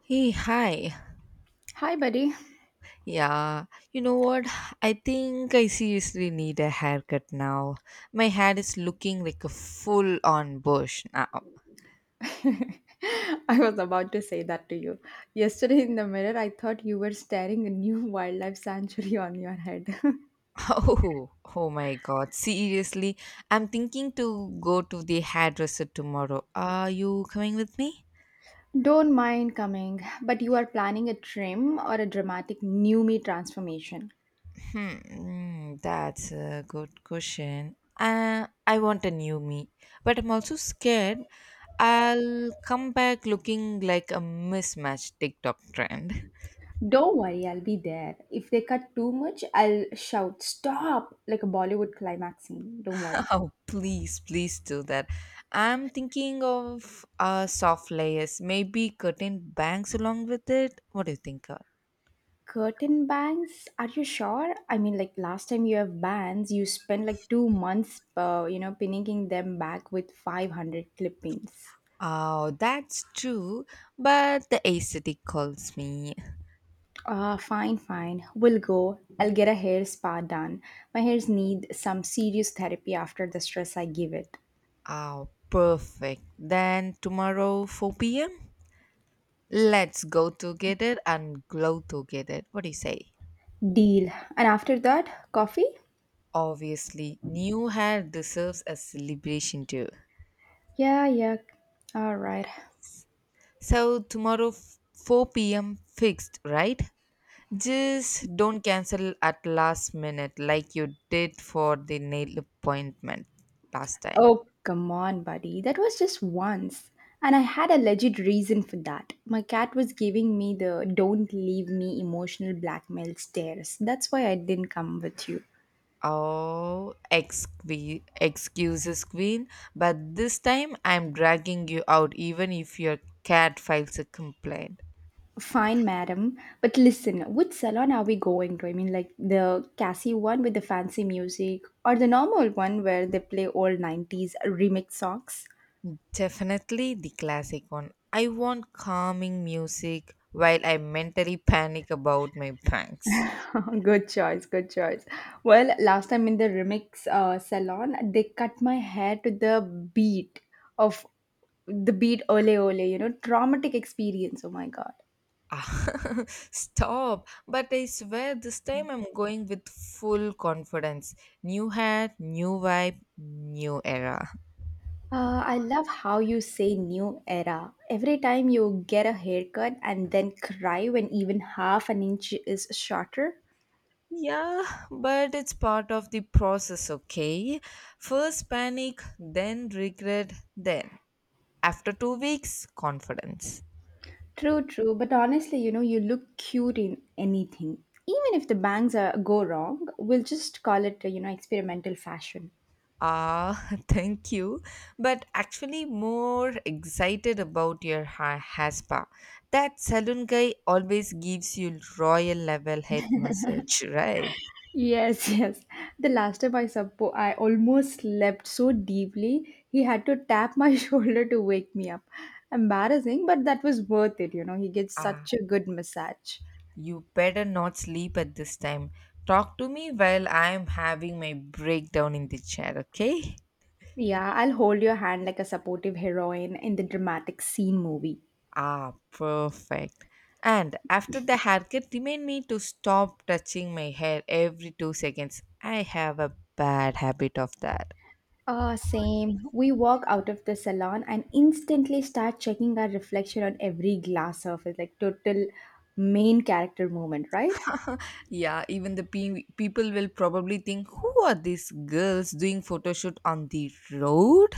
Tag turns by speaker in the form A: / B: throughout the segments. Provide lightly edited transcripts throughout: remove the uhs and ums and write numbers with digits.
A: Hey, hi.
B: Hi, buddy.
A: Yeah, you know what? I think I seriously need a haircut now. My hair is looking like a full-on bush now.
B: I was about to say that to you. Yesterday in the mirror, I thought you were staring a new wildlife sanctuary on your head.
A: Oh, oh my God. Seriously, I'm thinking to go to the hairdresser tomorrow. Are you coming with me?
B: Don't mind coming, but you are planning a trim or a dramatic new me transformation.
A: Hmm, that's a good question. I want a new me, but I'm also scared I'll come back looking like a mismatched TikTok trend.
B: Don't worry, I'll be there. If they cut too much, I'll shout, Stop! Like a Bollywood climax scene. Don't worry.
A: Oh, please, please do that. I'm thinking of soft layers, maybe curtain bangs along with it. What do you think?
B: Curtain bangs? Are you sure? I mean, like last time you have bands, you spent like 2 months, pinning them back with 500 clippings.
A: Oh, that's true, but the aesthetic calls me.
B: Ah, fine, fine. We'll go. I'll get a hair spa done. My hairs need some serious therapy after the stress I give it.
A: Oh, perfect. Then tomorrow, 4 p.m., let's go together and glow together. What do you say?
B: Deal. And after that, coffee?
A: Obviously, new hair deserves a celebration too.
B: Yeah, yeah. All right.
A: So, tomorrow, 4 p.m., fixed, right? Just don't cancel at last minute like you did for the nail appointment last time.
B: Oh, come on, buddy. That was just once. And I had a legit reason for that. My cat was giving me the don't leave me emotional blackmail stares. That's why I didn't come with you.
A: Oh, excuses, Queen. But this time I'm dragging you out even if your cat files a complaint.
B: Fine, madam. But listen, which salon are we going to? I mean, like the Cassie one with the fancy music or the normal one where they play old 90s remix songs?
A: Definitely the classic one. I want calming music while I mentally panic about my banks.
B: Good choice, good choice. Well, last time in the remix salon, they cut my hair to the beat of the beat ole ole, traumatic experience. Oh my god.
A: Ah, Stop! But I swear this time I'm going with full confidence. New hat, new vibe, new era.
B: I love how you say new era. Every time you get a haircut and then cry when even half an inch is shorter.
A: Yeah, but it's part of the process, okay? First panic, then regret, then. After 2 weeks, confidence.
B: True, true. But honestly, you look cute in anything. Even if the bangs are, go wrong, we'll just call it, experimental fashion.
A: Ah, thank you. But actually, more excited about your hair. That salon guy always gives you royal level head massage, right?
B: Yes, yes. The last time I almost slept so deeply, he had to tap my shoulder to wake me up. Embarrassing, but that was worth it. He gets
A: Ah,
B: such a good massage.
A: you better not sleep at this time. Talk to me while I am having my breakdown in the chair, okay?
B: Yeah, I'll hold your hand like a supportive heroine in the dramatic scene movie.
A: Ah, perfect. And after the haircut, remind me to stop touching my hair every 2 seconds. I have a bad habit of that.
B: Ah, same. We walk out of the salon and instantly start checking our reflection on every glass surface, like total main character moment, right?
A: Yeah, even the people will probably think, who are these girls doing photo shoot on the road?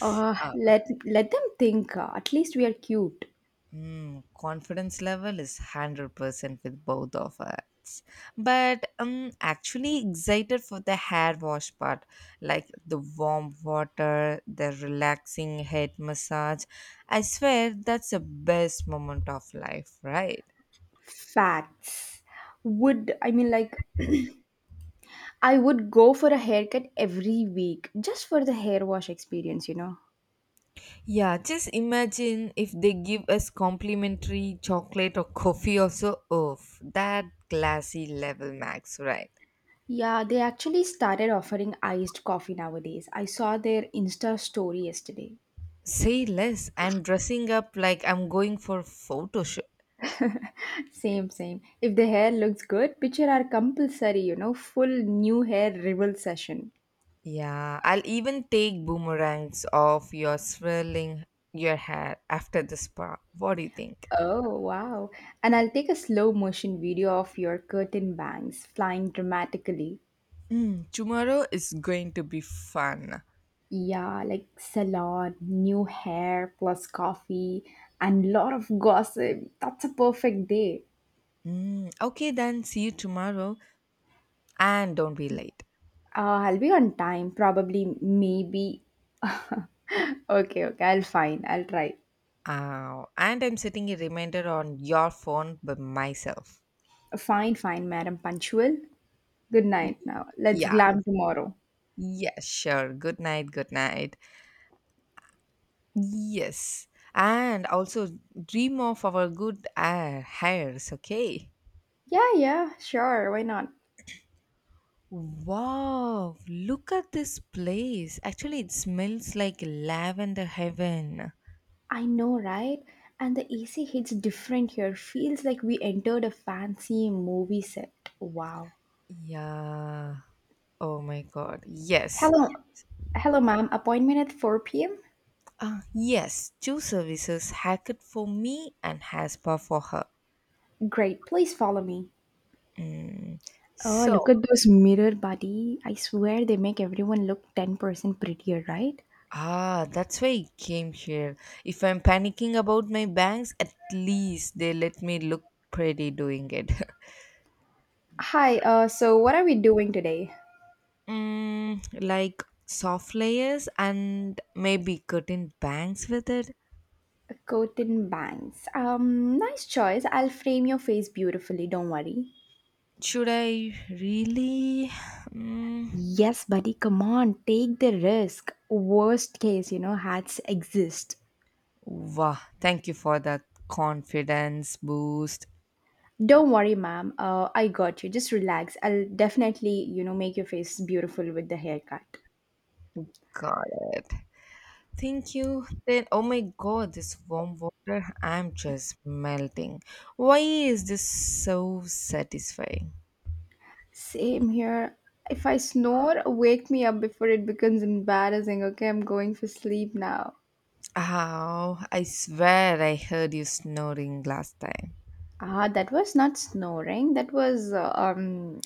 B: Ah,
A: Ah,
B: let them think. At least we are cute.
A: Confidence level is 100% with both of us. But I'm actually excited for the hair wash part, like the warm water, the relaxing head massage. I swear that's the best moment of life, right?
B: Facts. Would I mean like I would go for a haircut every week just for the hair wash experience.
A: Yeah, just imagine if they give us complimentary chocolate or coffee also. Oh, that glassy level max, right?
B: Yeah, they actually started offering iced coffee nowadays. I saw their Insta story yesterday.
A: Say less. I'm dressing up like I'm going for photoshoot.
B: Same, same. If the hair looks good, picture our compulsory, full new hair revel session.
A: Yeah, I'll even take boomerangs off your swirling your hair after the spa. What do you think?
B: Oh, wow. And I'll take a slow motion video of your curtain bangs flying dramatically.
A: Hmm, tomorrow is going to be fun.
B: Yeah, like salon, new hair, plus coffee, and lot of gossip. That's a perfect day.
A: Hmm, okay, then see you tomorrow and don't be late.
B: I'll be on time, probably, maybe. Okay, okay, I'll fine. I'll try.
A: Oh, and I'm setting a reminder on your phone by myself.
B: Fine, fine, madam. Punctual. Good night now. Let's
A: Yeah,
B: glam tomorrow.
A: yeah, sure. Good night, good night. Yes, and also dream of our good hairs, okay?
B: Yeah, yeah, sure. Why not?
A: Wow, look at this place. Actually, it smells like lavender heaven.
B: I know, right? And the AC hits different here. Feels like we entered a fancy movie set. Wow.
A: Yeah. Oh my god. Yes.
B: Hello. Hello, ma'am. Appointment at 4 p.m.?
A: Ah, yes. Two services Hackett for me and Haspa for her.
B: Great, please follow me.
A: Mm.
B: Oh, look
A: So,
B: at those mirror buddy. I swear they make everyone look 10% prettier, right?
A: ah, that's why I came here. If I'm panicking about my bangs, at least they let me look pretty doing it.
B: Hi, so what are we doing today?
A: Mm, like soft layers and maybe curtain bangs with it.
B: Cotton bangs. Nice choice. I'll frame your face beautifully, don't worry.
A: Should I really? Mm,
B: Yes, buddy, come on, take the risk. Worst case, hats exist.
A: wow, thank you for that confidence boost.
B: Don't worry, ma'am. I got you. Just relax. I'll definitely, make your face beautiful with the haircut.
A: Got it. Thank you. Then, oh my god, this warm water, I'm just melting. Why is this so satisfying?
B: Same here. If I snore, wake me up before it becomes embarrassing. Okay, I'm going for sleep now.
A: Oh, I swear I heard you snoring last time.
B: Ah, that was not snoring. That was uh, um,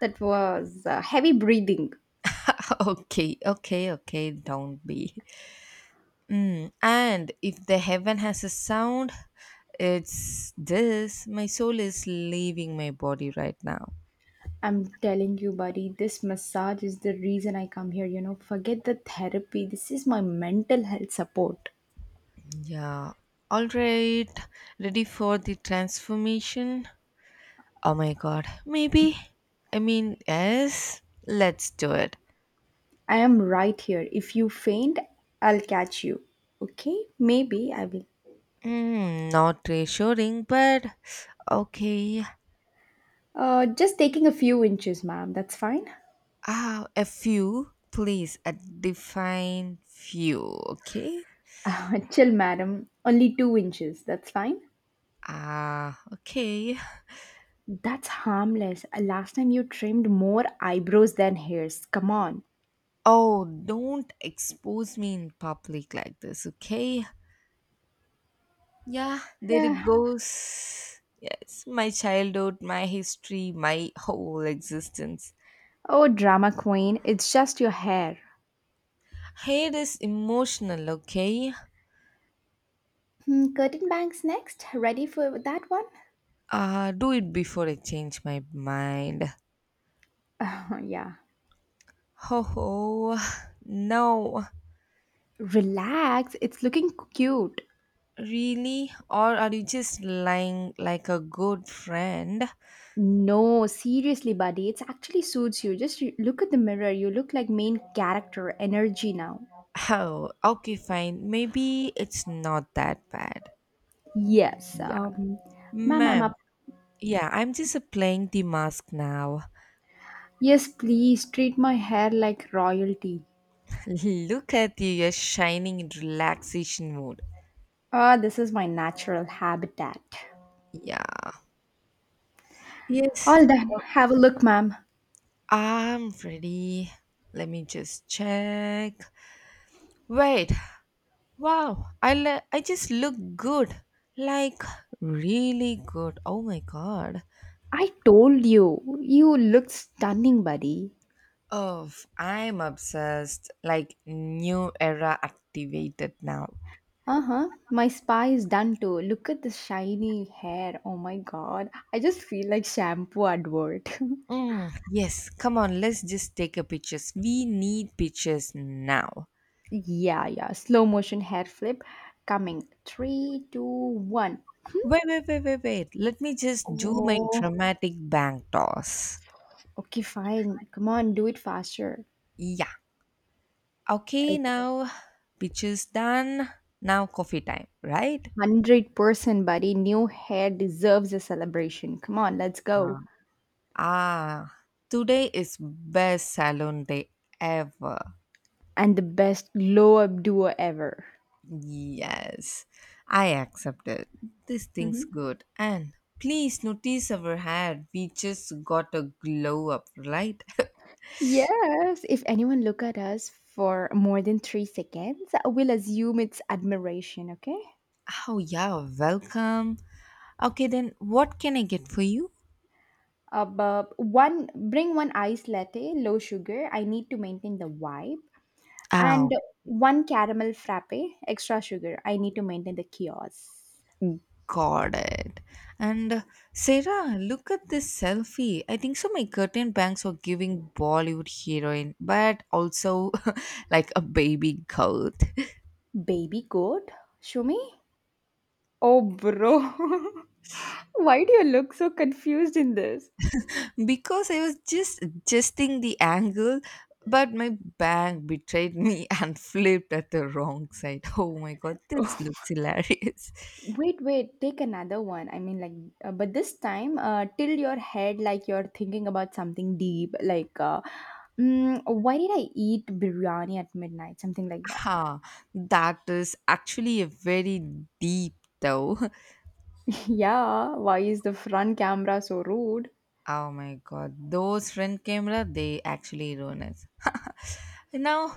B: that was uh, heavy breathing.
A: Okay, okay, okay, don't be. Mm, and if the heaven has a sound, it's this. My soul is leaving my body right now.
B: I'm telling you, buddy, this massage is the reason I come here. Forget the therapy. This is my mental health support.
A: Yeah. All right. Ready for the transformation? Oh my god. Maybe. I mean, yes. Let's do it.
B: I am right here. If you faint, I'll catch you. Okay? Maybe I will.
A: Mm, not reassuring, but okay.
B: Just taking a few inches, ma'am. That's fine.
A: Ah, a few, please. A defined few, okay?
B: Chill, madam. Only 2 inches. That's fine.
A: Ah, okay.
B: That's harmless. Last time you trimmed more eyebrows than hairs. Come on.
A: Oh, don't expose me in public like this, okay? Yeah, there it
B: Eh,
A: goes. Yes, my childhood, my history, my whole existence.
B: oh, drama queen, it's just your hair.
A: Hate is emotional, okay?
B: Curtain bangs next. Ready for that one?
A: Do it before I change my mind.
B: Yeah.
A: Ho ho, no.
B: Relax, it's looking cute.
A: Really? Or are you just lying like a good friend?
B: No, seriously, buddy, it actually suits you. Just look at the mirror. You look like main character energy now.
A: Oh, okay, fine. Maybe it's not that bad.
B: Yes.
A: Yeah.
B: Ma'am, I'm
A: Ma'am.
B: up.
A: Yeah, I'm just playing the mask now.
B: Yes, please treat my hair like royalty.
A: Look at you, you're shining in relaxation mode.
B: Ah, this is my natural habitat.
A: Yeah. Yes,
B: All done. Have a look, ma'am.
A: I'm ready. Let me just check. Wait. Wow. I just look good. Like really good. Oh my god.
B: I told you. You look stunning, buddy.
A: Oh, I'm obsessed. Like new era activated now.
B: Uh huh. My spa is done too. Look at the shiny hair. Oh my god. I just feel like shampoo advert.
A: Mm, yes, come on, let's just take a pictures. We need pictures now.
B: Yeah, yeah. Slow motion hair flip coming. Three, two, one.
A: Wait. Let me just do my
B: Oh,
A: dramatic bank toss.
B: okay, fine. Come on, do it faster.
A: Yeah. Okay, now pictures done. Now coffee time, right?
B: 100% buddy, new hair deserves a celebration. Come on, let's
A: Yeah.
B: go.
A: Ah, today is best salon day ever.
B: And the best glow up duo ever.
A: Yes, I accept it. This
B: Hmm,
A: thing's good. And please notice our hair. We just got a glow up, right?
B: yes, if anyone look at us for more than 3 seconds, we'll assume it's admiration, okay?
A: Oh yeah, welcome. Okay, then what can I get for you?
B: But one, bring one iced latte, low sugar. I need to maintain the vibe.
A: Ah,
B: And one caramel frappe, extra sugar. I need to maintain the kiosk.
A: got it. And Sarah, look at this selfie. I think so. My curtain bangs are giving Bollywood heroine, but also like a baby goat.
B: Baby goat, Shumi? Oh, bro. Why do you look so confused in this?
A: Because I was just adjusting the angle, but my bang betrayed me and flipped at the wrong side. Oh my god, this looks hilarious.
B: Wait, wait, take another one. I mean, like, but this time, tilt your head like you're thinking about something deep, like, why did I eat biryani at midnight? Something like that.
A: Ha, that is actually a very deep though.
B: Yeah, why is the front camera so rude?
A: Oh my god, those front camera they actually ruin us. Now,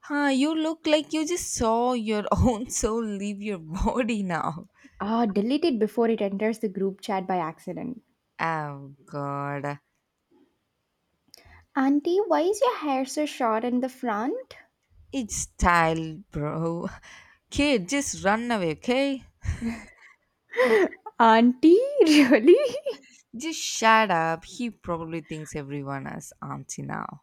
A: huh, you look like you just saw your own soul leave your body now.
B: Ah, delete it before it enters the group chat by accident.
A: Oh god,
B: Auntie, why is your hair so short in the front?
A: it's style, bro. Kid, just run away, okay?
B: Auntie, really?
A: Just shut up. He probably thinks everyone is auntie now.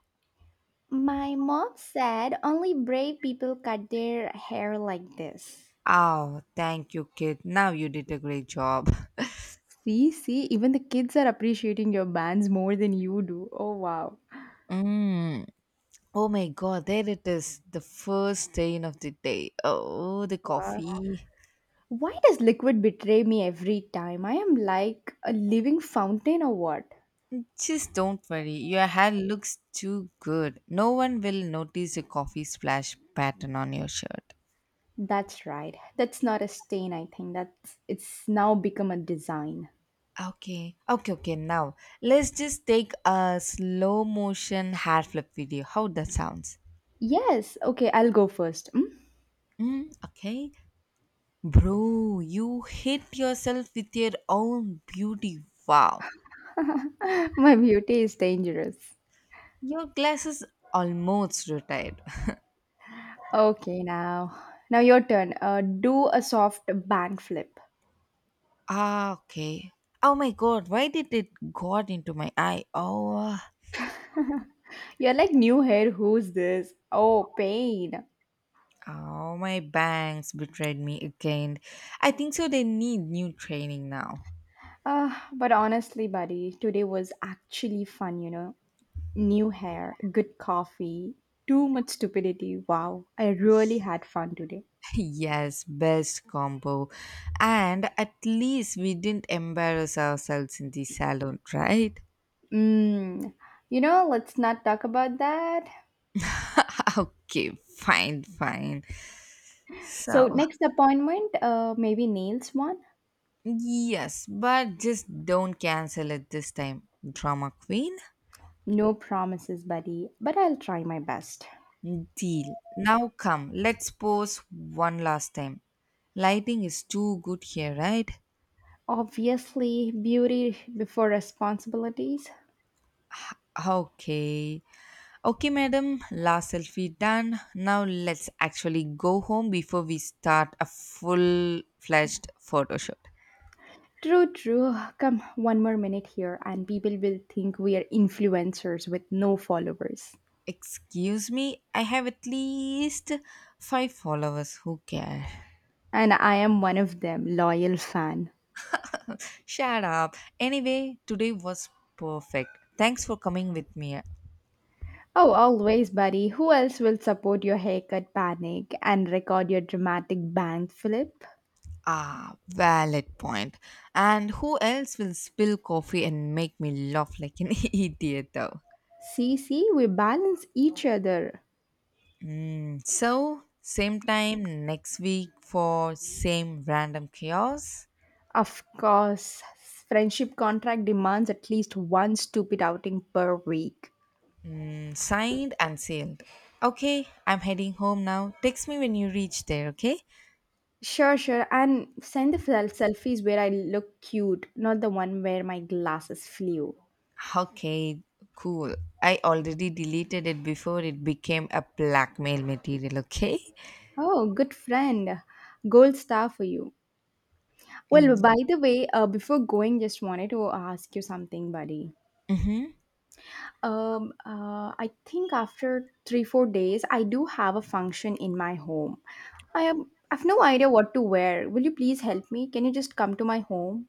B: My mom said only brave people cut their hair like this.
A: Oh, thank you, kid. Now you did a great job.
B: See, see, even the kids are appreciating your bands more than you do. Oh, wow.
A: Mm. Oh my god, there it is. The first stain of the day. Oh, the
B: Uh,
A: coffee.
B: why does liquid betray me every time? I am like a living fountain or what?
A: Just don't worry. Your hair looks too good. No one will notice a coffee splash pattern on your shirt.
B: That's right. That's not a stain, I think. That's it's now become a design.
A: Okay. Okay, okay. Now, let's just take a slow motion hair flip video. How that sounds?
B: Yes, okay, I'll go first. Hmm?
A: Mm, okay. Bro, you hit yourself with your own beauty. Wow.
B: My beauty is dangerous.
A: Your glasses almost retired.
B: Okay, now. Now your turn. Do a soft band flip.
A: Ah, okay. Oh my god, why did it got into my eye? Oh,
B: You're like new hair, who's this? Oh, pain.
A: oh my bangs betrayed me again. I think so they need new training now.
B: But honestly, buddy, today was actually fun. New hair, good coffee, too much stupidity. Wow, I really had fun today.
A: Yes, best combo. And at least we didn't embarrass ourselves in the salon, right?
B: Mmm, let's not talk about that.
A: Okay, fine. So,
B: So, next appointment, maybe nails one?
A: yes, but just don't cancel it this time, drama queen.
B: No promises, buddy, but I'll try my best.
A: Deal. Now come, let's pose one last time. Lighting is too good here, right?
B: Obviously, beauty before responsibilities.
A: Okay. Okay, madam. Last selfie done. Now let's actually go home before we start a full fledged photo shoot.
B: True, true. Come, one more minute here, and people will think we are influencers with no followers.
A: Excuse me, I have at least five followers. Who care?
B: And I am one of them, loyal fan.
A: Shut up. Anyway, today was perfect. Thanks for coming with me.
B: Oh, always, buddy. Who else will support your haircut panic and record your dramatic bank flip?
A: Ah, valid point. And who else will spill coffee and make me laugh like an idiot, though?
B: See, see, we balance each other.
A: Mm, so, same time next week for same random chaos.
B: Of course, friendship contract demands at least one stupid outing per week.
A: Mm, signed and sealed. Okay, I'm heading home now. Text me when you reach there, okay?
B: Sure, sure. And send the selfies where I look cute, not the one where my glasses flew.
A: Okay, cool. I already deleted it before it became a blackmail material, okay?
B: Oh, good friend. Gold star for you. Well, by the way, before going, just wanted to ask you something, buddy.
A: Mm-hmm.
B: I think after 3, 4 days, I do have a function in my home. I've no idea what to wear. Will you please help me? Can you just come to my home?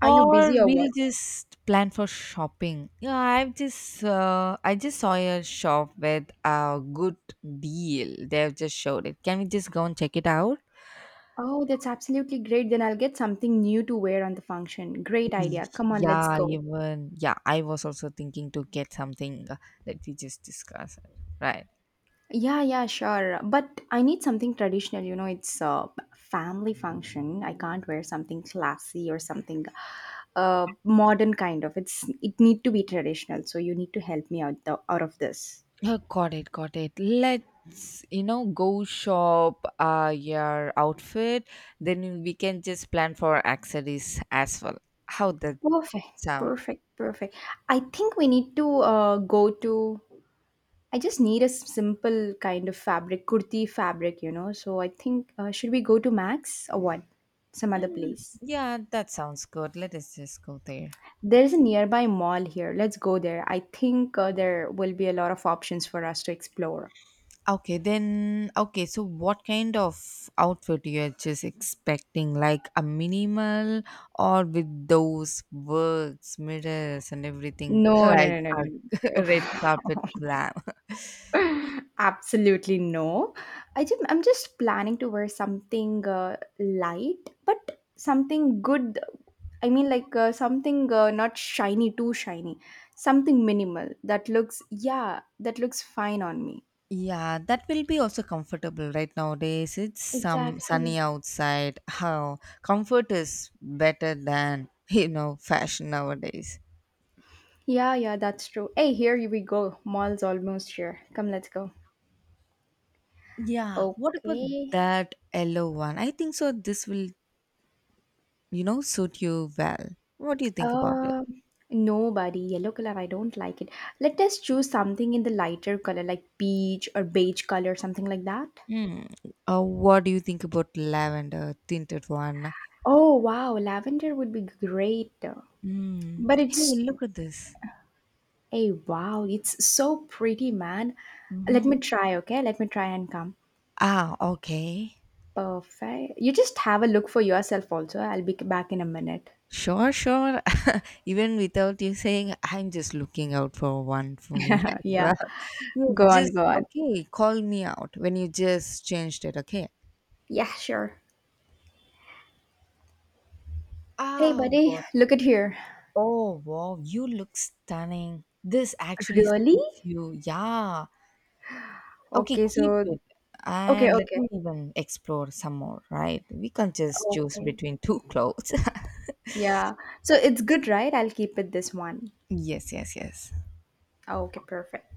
B: Are you
A: Or
B: busy or
A: we'll
B: what?
A: just plan for shopping. Yeah, I've just I just saw a shop with a good deal. They've just showed it. Can we just go and check it out?
B: Oh, that's absolutely great. Then I'll get something new to wear on the function. Great
A: Mm.
B: idea. Come on, let's
A: Yeah,
B: go.
A: even yeah, I was also thinking to get something that we just discussed, right?
B: Yeah, yeah, sure. But I need something traditional. It's a family function. I can't wear something classy or something modern kind of. It need to be traditional. So you need to help me out of this.
A: Oh, got it, got it. Let's, you know, go shop your outfit, then we can just plan for accessories as well. How that
B: Perfect,
A: sound?
B: perfect, perfect. I think we need to go to I just need a simple kind of fabric, kurti fabric. So I think should we go to Max or what? Some other
A: Mm,
B: place.
A: yeah, that sounds good. Let us just go there.
B: There's a nearby mall here. Let's go there. I think there will be a lot of options for us to explore.
A: Okay, then. Okay, so what kind of outfit you're just expecting? Like a minimal or with those works, mirrors, and everything,
B: No,
A: like
B: no, no, no,
A: a
B: no.
A: red carpet glam.
B: Absolutely no. I'm just planning to wear something light, but something good. I mean, like something not shiny, too shiny. Something minimal that looks fine on me.
A: Yeah, that will be also comfortable right nowadays. It's some sunny
B: Exactly.
A: outside. How comfort is better than you know fashion nowadays.
B: Yeah, yeah, that's true. Hey, here we go. Mall's almost here. Come, let's go.
A: Yeah,
B: Oh,
A: what about
B: okay.
A: that yellow one? I think so. This will, you know, suit you well. What do you think about it?
B: Um, no, buddy. Yellow color, I don't like it. Let us choose something in the lighter color, like peach or beige color, something like that.
A: Hmm. What do you think about lavender tinted one?
B: Oh, wow. Lavender would be great.
A: Hmm.
B: But
A: Hey,
B: it's,
A: look at this.
B: hey, wow. It's so pretty, man. Let
A: Mm-hmm.
B: me try, okay? Let me try and come.
A: Ah, okay.
B: Perfect. You just have a look for yourself, also. I'll be back in a minute.
A: Sure, sure. Even without you saying, I'm just looking out for one for me as well.
B: Yeah.
A: Yes,
B: Go on,
A: just
B: go on.
A: okay. Call me out when you just changed it. Okay.
B: Yeah, sure. Hey,
A: Ah,
B: buddy.
A: God.
B: Look at here.
A: Oh, wow, you look stunning. This actually
B: Really?
A: suits you. Yeah. Okay,
B: Okay,
A: keep
B: so,
A: it.
B: okay,
A: And let
B: okay.
A: me even explore some more, right? We can't just choose
B: Okay.
A: between two clothes.
B: Yeah. So it's good, right? I'll keep it this one.
A: Yes, yes, yes.
B: Oh, okay, perfect.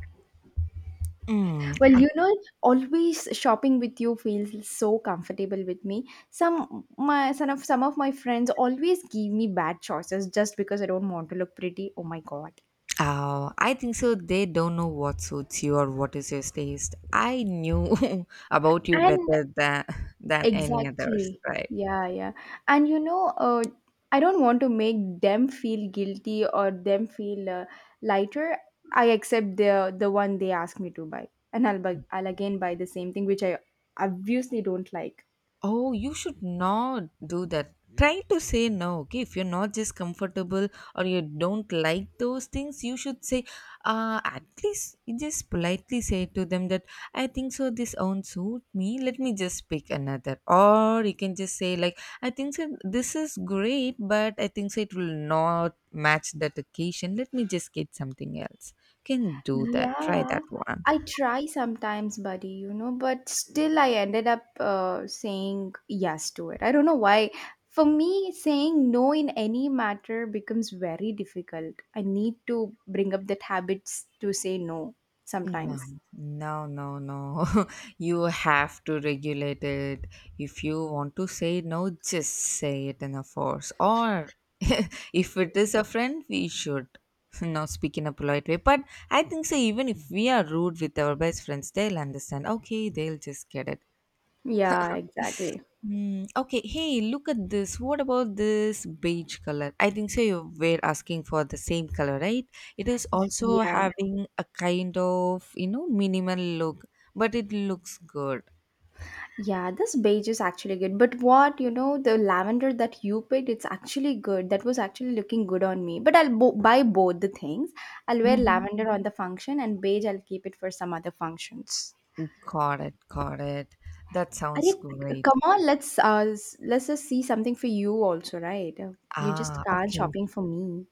A: Mm.
B: Well, always shopping with you feels so comfortable with me. Some of my friends always give me bad choices just because I don't want to look pretty. Oh my god.
A: Oh, I think so. They don't know what suits you or what is your taste. I knew about you
B: And
A: better than any others,
B: exactly.
A: right?
B: Yeah, yeah. And I don't want to make them feel guilty or them feel lighter. I accept the one they ask me to buy, and I'll again buy the same thing which I obviously don't like.
A: Oh, you should not do that. Try to say no, okay? If you're not just comfortable or you don't like those things, you should say, at least you just politely say to them that I think so, this won't suit me. Let me just pick another. Or you can just say, like, I think so, this is great, but I think so, it will not match that occasion. Let me just get something else. You can do that. Try that
B: Yeah,
A: one.
B: I try sometimes, buddy, but still I ended up saying yes to it. I don't know why. For me, saying no in any matter becomes very difficult. I need to bring up that habits to say no
A: No,
B: sometimes.
A: no. You have to regulate it. If you want to say no, just say it in a force. Or if it is a friend, we should not speak in a polite way. But I think so, even if we are rude with our best friends, they'll understand. Okay, they'll just get it.
B: Yeah, exactly.
A: Mm, okay, hey, look at this. What about this beige color? I think so you were asking for the same color, right? It is also
B: Yeah.
A: having a kind of, minimal look, but it looks good.
B: Yeah, this beige is actually good. But the lavender that you picked, it's actually good. That was actually looking good on me. But buy both the things. I'll wear
A: Hmm.
B: lavender on the function and beige I'll keep it for some other functions.
A: Got it, got it. That
B: Are
A: sounds great.
B: Come on, let's just see something for you also, right? You just
A: Ah,
B: can't
A: okay.
B: shopping for me.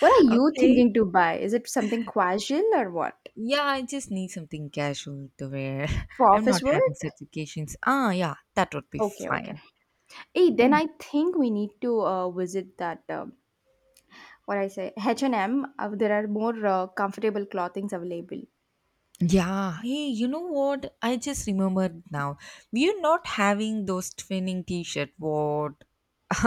B: What are you
A: Okay.
B: thinking to buy? Is it something casual or what?
A: Yeah, I just need something casual to wear.
B: For
A: I'm not
B: office
A: having
B: work?
A: such occasions. Ah, yeah, that would be
B: Okay, okay.
A: fine.
B: Hey, then I think we need to visit that, H&M, there are more comfortable clothings available.
A: Yeah, hey, you know what? I just remembered now. We're not having those twinning t-shirt. What?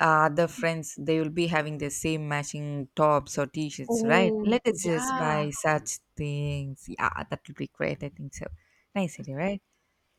A: The friends they will be having the same matching tops or t-shirts, right?
B: Oh,
A: Let us just
B: yeah.
A: buy such things. Yeah, that will be great. I think so. Nice idea, right?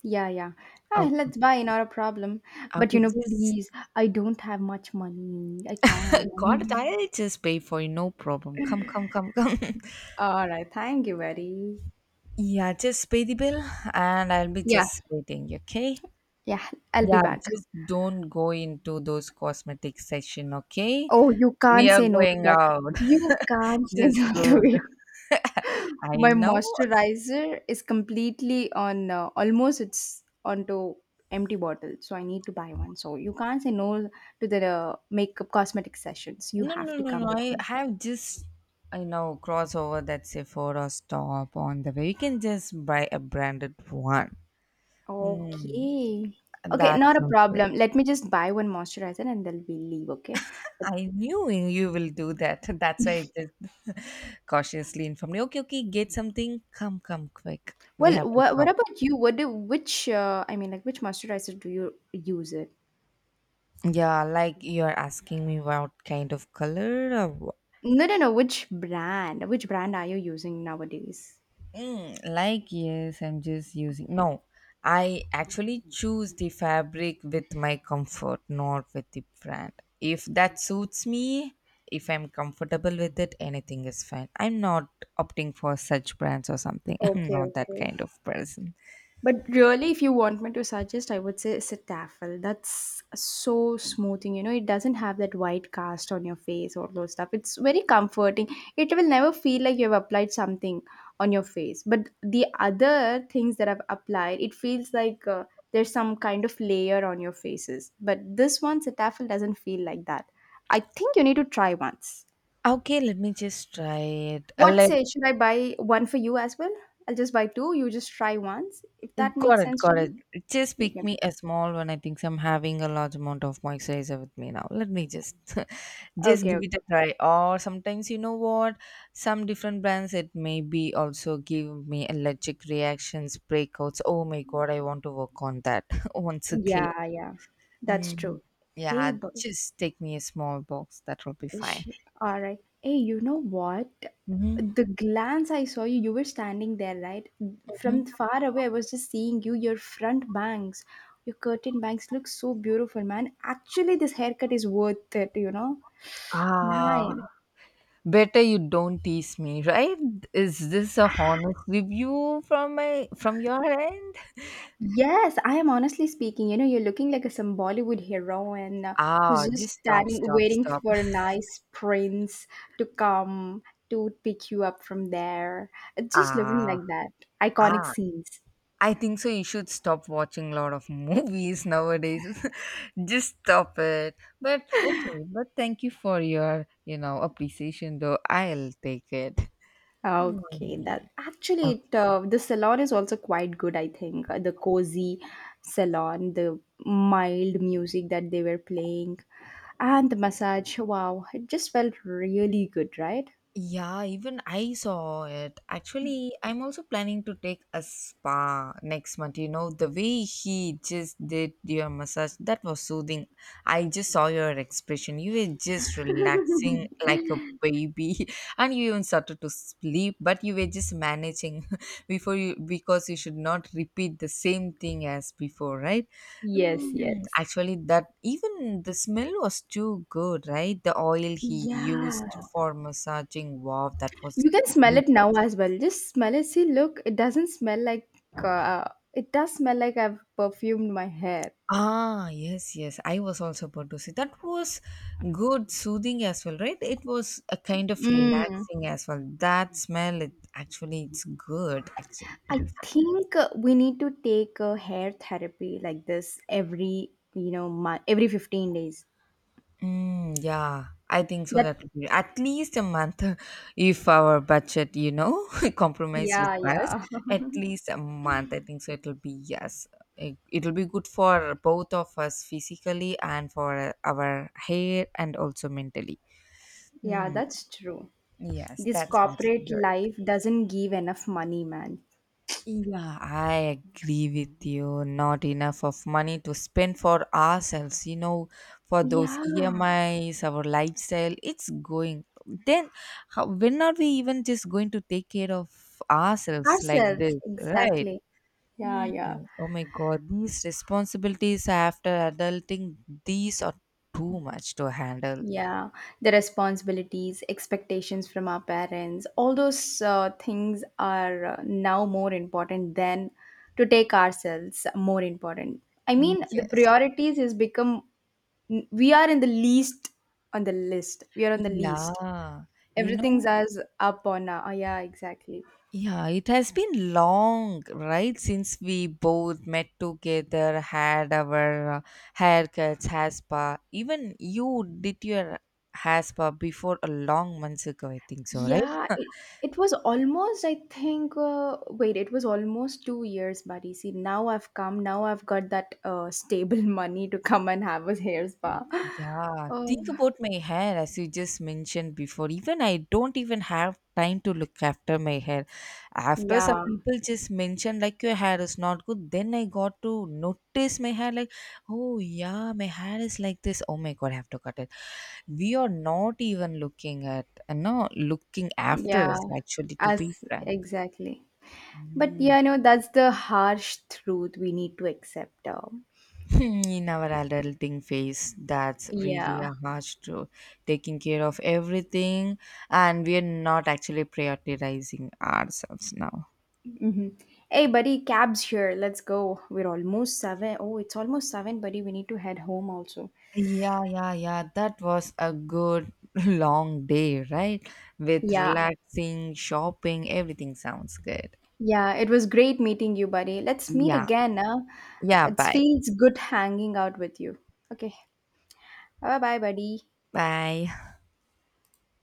B: Yeah, yeah. Ah,
A: Okay,
B: let's buy, not a problem. But
A: okay,
B: you know,
A: just
B: please, I don't have much money. I
A: got it.
B: can't.
A: I'll just pay for you. No problem. Come, come, come, come.
B: All right, thank you, very.
A: Yeah, just pay the bill, and I'll be
B: Yeah.
A: just waiting. Okay.
B: Yeah, I'll be
A: Yeah,
B: back.
A: just don't go into those cosmetic session, okay?
B: Oh, you
A: We
B: can't
A: are
B: say no to
A: going
B: that.
A: out.
B: You can't say
A: Just
B: no to
A: go.
B: it.
A: th- I
B: My
A: know.
B: moisturizer is completely on almost it's onto empty bottle, so I need to buy one. So you can't say no to the makeup cosmetic sessions. You
A: No,
B: have
A: no,
B: to
A: no, no.
B: come with me.
A: I know, cross over that Sephora stop on the way. You can just buy a branded one. Mm,
B: Okay. Okay,
A: that
B: not a
A: sounds great.
B: problem. Let me just buy one moisturizer and then we leave, okay?
A: I knew you will do that. That's why I just cautiously informed you. Okay, okay, get something. Come, come, quick. We
B: Well,
A: have to
B: what
A: shop.
B: about you? What do which I mean like which moisturizer do you use it?
A: Yeah, like you're asking me what kind of color. Or
B: No, no, no. Which brand? Which brand are you using nowadays?
A: mm, like, yes, I'm just using. No, I actually choose the fabric with my comfort, not with the brand. If that suits me, if I'm comfortable with it, anything is fine. I'm not opting for such brands or something. I'm
B: Okay,
A: not that
B: okay.
A: kind of person.
B: But really, if you want me to suggest, I would say it's a taffel. That's so smoothing. You know, it doesn't have that white cast on your face or those stuff. It's very comforting. It will never feel like you have applied something on your face. But the other things that I've applied, it feels like there's some kind of layer on your faces. But this one, Cetaphil, doesn't feel like that. I think you need to try once.
A: Okay, let me just try it. Uh,
B: What
A: let
B: say? Should I buy one for you as well? I'll just buy two. You just try once. If that
A: got
B: makes
A: it,
B: sense to
A: got
B: you,
A: it. Just
B: you
A: pick
B: can.
A: me a small one. I think so I'm having a large amount of moisturizer with me now. Let me just just
B: Okay,
A: give
B: okay.
A: it a try. Or sometimes you know what? Some different brands it may be also give me allergic reactions, breakouts. Oh my god, I want to work on that once again.
B: Yeah, yeah. That's
A: Mm,
B: true. Hey,
A: yeah,
B: but
A: just take me a small box. That will be fine.
B: sh- all right. Hey, you know what?
A: Hmm.
B: The glance I saw you, you were standing there, right? From far away, I was just seeing you. Your front bangs, your curtain bangs look so beautiful, man. Actually, this haircut is worth it, you know?
A: Ah,
B: Nice.
A: better you don't tease me, right? Is this a honest review from my from your end?
B: Yes, I am honestly speaking. You know, you're looking like a some Bollywood heroine who's
A: Ah,
B: just
A: just stop,
B: standing,
A: stop,
B: waiting
A: stop.
B: for a nice prince to come to pick you up from there. It's just looking
A: Ah,
B: like that. Iconic
A: ah.
B: scenes.
A: I think so. You should stop watching a lot of movies nowadays. Just stop it. But okay, but thank you for your appreciation though. I'll take it.
B: Okay,
A: Hmm.
B: the salon is also quite good, I think. The cozy salon, the mild music that they were playing, and the massage. Wow, it just felt really good, right?
A: Yeah, even I saw it. Actually, I'm also planning to take a spa next month. You know, the way he just did your massage, that was soothing. I just saw your expression. You were just relaxing like a baby, and you even started to sleep, but you were just managing before you because you should not repeat the same thing as before, right?
B: Yes,
A: Mm,
B: yes.
A: actually, that even the smell was too good, right? The oil he
B: Yeah,
A: used for massaging, wow, that was
B: you can smell
A: great.
B: it now as well. Just smell it. See, look, it doesn't smell like. Uh, it does smell like I've perfumed my hair.
A: Ah, yes, yes. I was also about to say that was good, soothing as well, right? It was a kind of
B: Mm.
A: relaxing as well. That smell, it actually, it's good, actually, to
B: I
A: be
B: think we need to take a hair therapy like this every you know month, every 15 days.
A: mm, yeah, I think so.
B: That
A: That would be at least a month, if our budget, compromise with
B: yeah,
A: us,
B: yeah,
A: at least a month. I think so. It'll be yes. It'll be good for both of us physically and for our hair and also mentally.
B: yeah.
A: Mm,
B: That's true.
A: yes,
B: This
A: that sounds
B: corporate
A: good.
B: life doesn't give enough money, man.
A: Yeah, I agree with you. Not enough of money to spend for ourselves, you know, for those
B: Yeah,
A: EMIs, our lifestyle, it's going. Then, how, when are we even just going to take care of ourselves like
B: ourselves
A: this, right?
B: exactly. Yeah,
A: Hmm.
B: yeah.
A: Oh my God, these responsibilities after adulting, these are too much to handle.
B: Yeah, the responsibilities, expectations from our parents, all those things are now more important than to take ourselves more important. I
A: Mm,
B: mean, the
A: yes.
B: priorities has become we are in the least on the list. We are on the least.
A: Yeah. You
B: Everything's
A: know,
B: as up on our, oh, yeah, exactly.
A: yeah, it has been long, right? Since we both met together, had our haircuts, hair spa. Even you did your hair spa before a long months ago, I think so, right?
B: Yeah, it was almost, it was almost 2 years, buddy. See, now I've got that stable money to come and have a hair spa.
A: Yeah,
B: Oh,
A: think about my hair as you just mentioned before. Even I don't even have time to look after my hair. After some
B: yeah,
A: people just mentioned like your hair is not good, then I got to notice my hair like, oh yeah, my hair is like this. Oh my god, I have to cut it. We are not even looking at, no, looking after us
B: yeah,
A: actually, to be
B: as
A: frank.
B: exactly. But
A: Mm.
B: yeah, no, that's the harsh truth we need to accept.
A: In our adulting phase that's really
B: Yeah.
A: a harsh truth, taking care of everything and we are not actually prioritizing ourselves now.
B: hmm Hey, buddy, cab's here. Let's go. We're almost seven. Oh, it's almost seven, buddy. We need to head home also.
A: Yeah, yeah, yeah, that was a good long day, right? With
B: Yeah,
A: relaxing shopping everything sounds good.
B: yeah, it was great meeting you, buddy. Let's meet
A: yeah
B: again. Huh?
A: yeah
B: It
A: bye
B: feels good hanging out with you. Okay. Bye bye, buddy.
A: bye.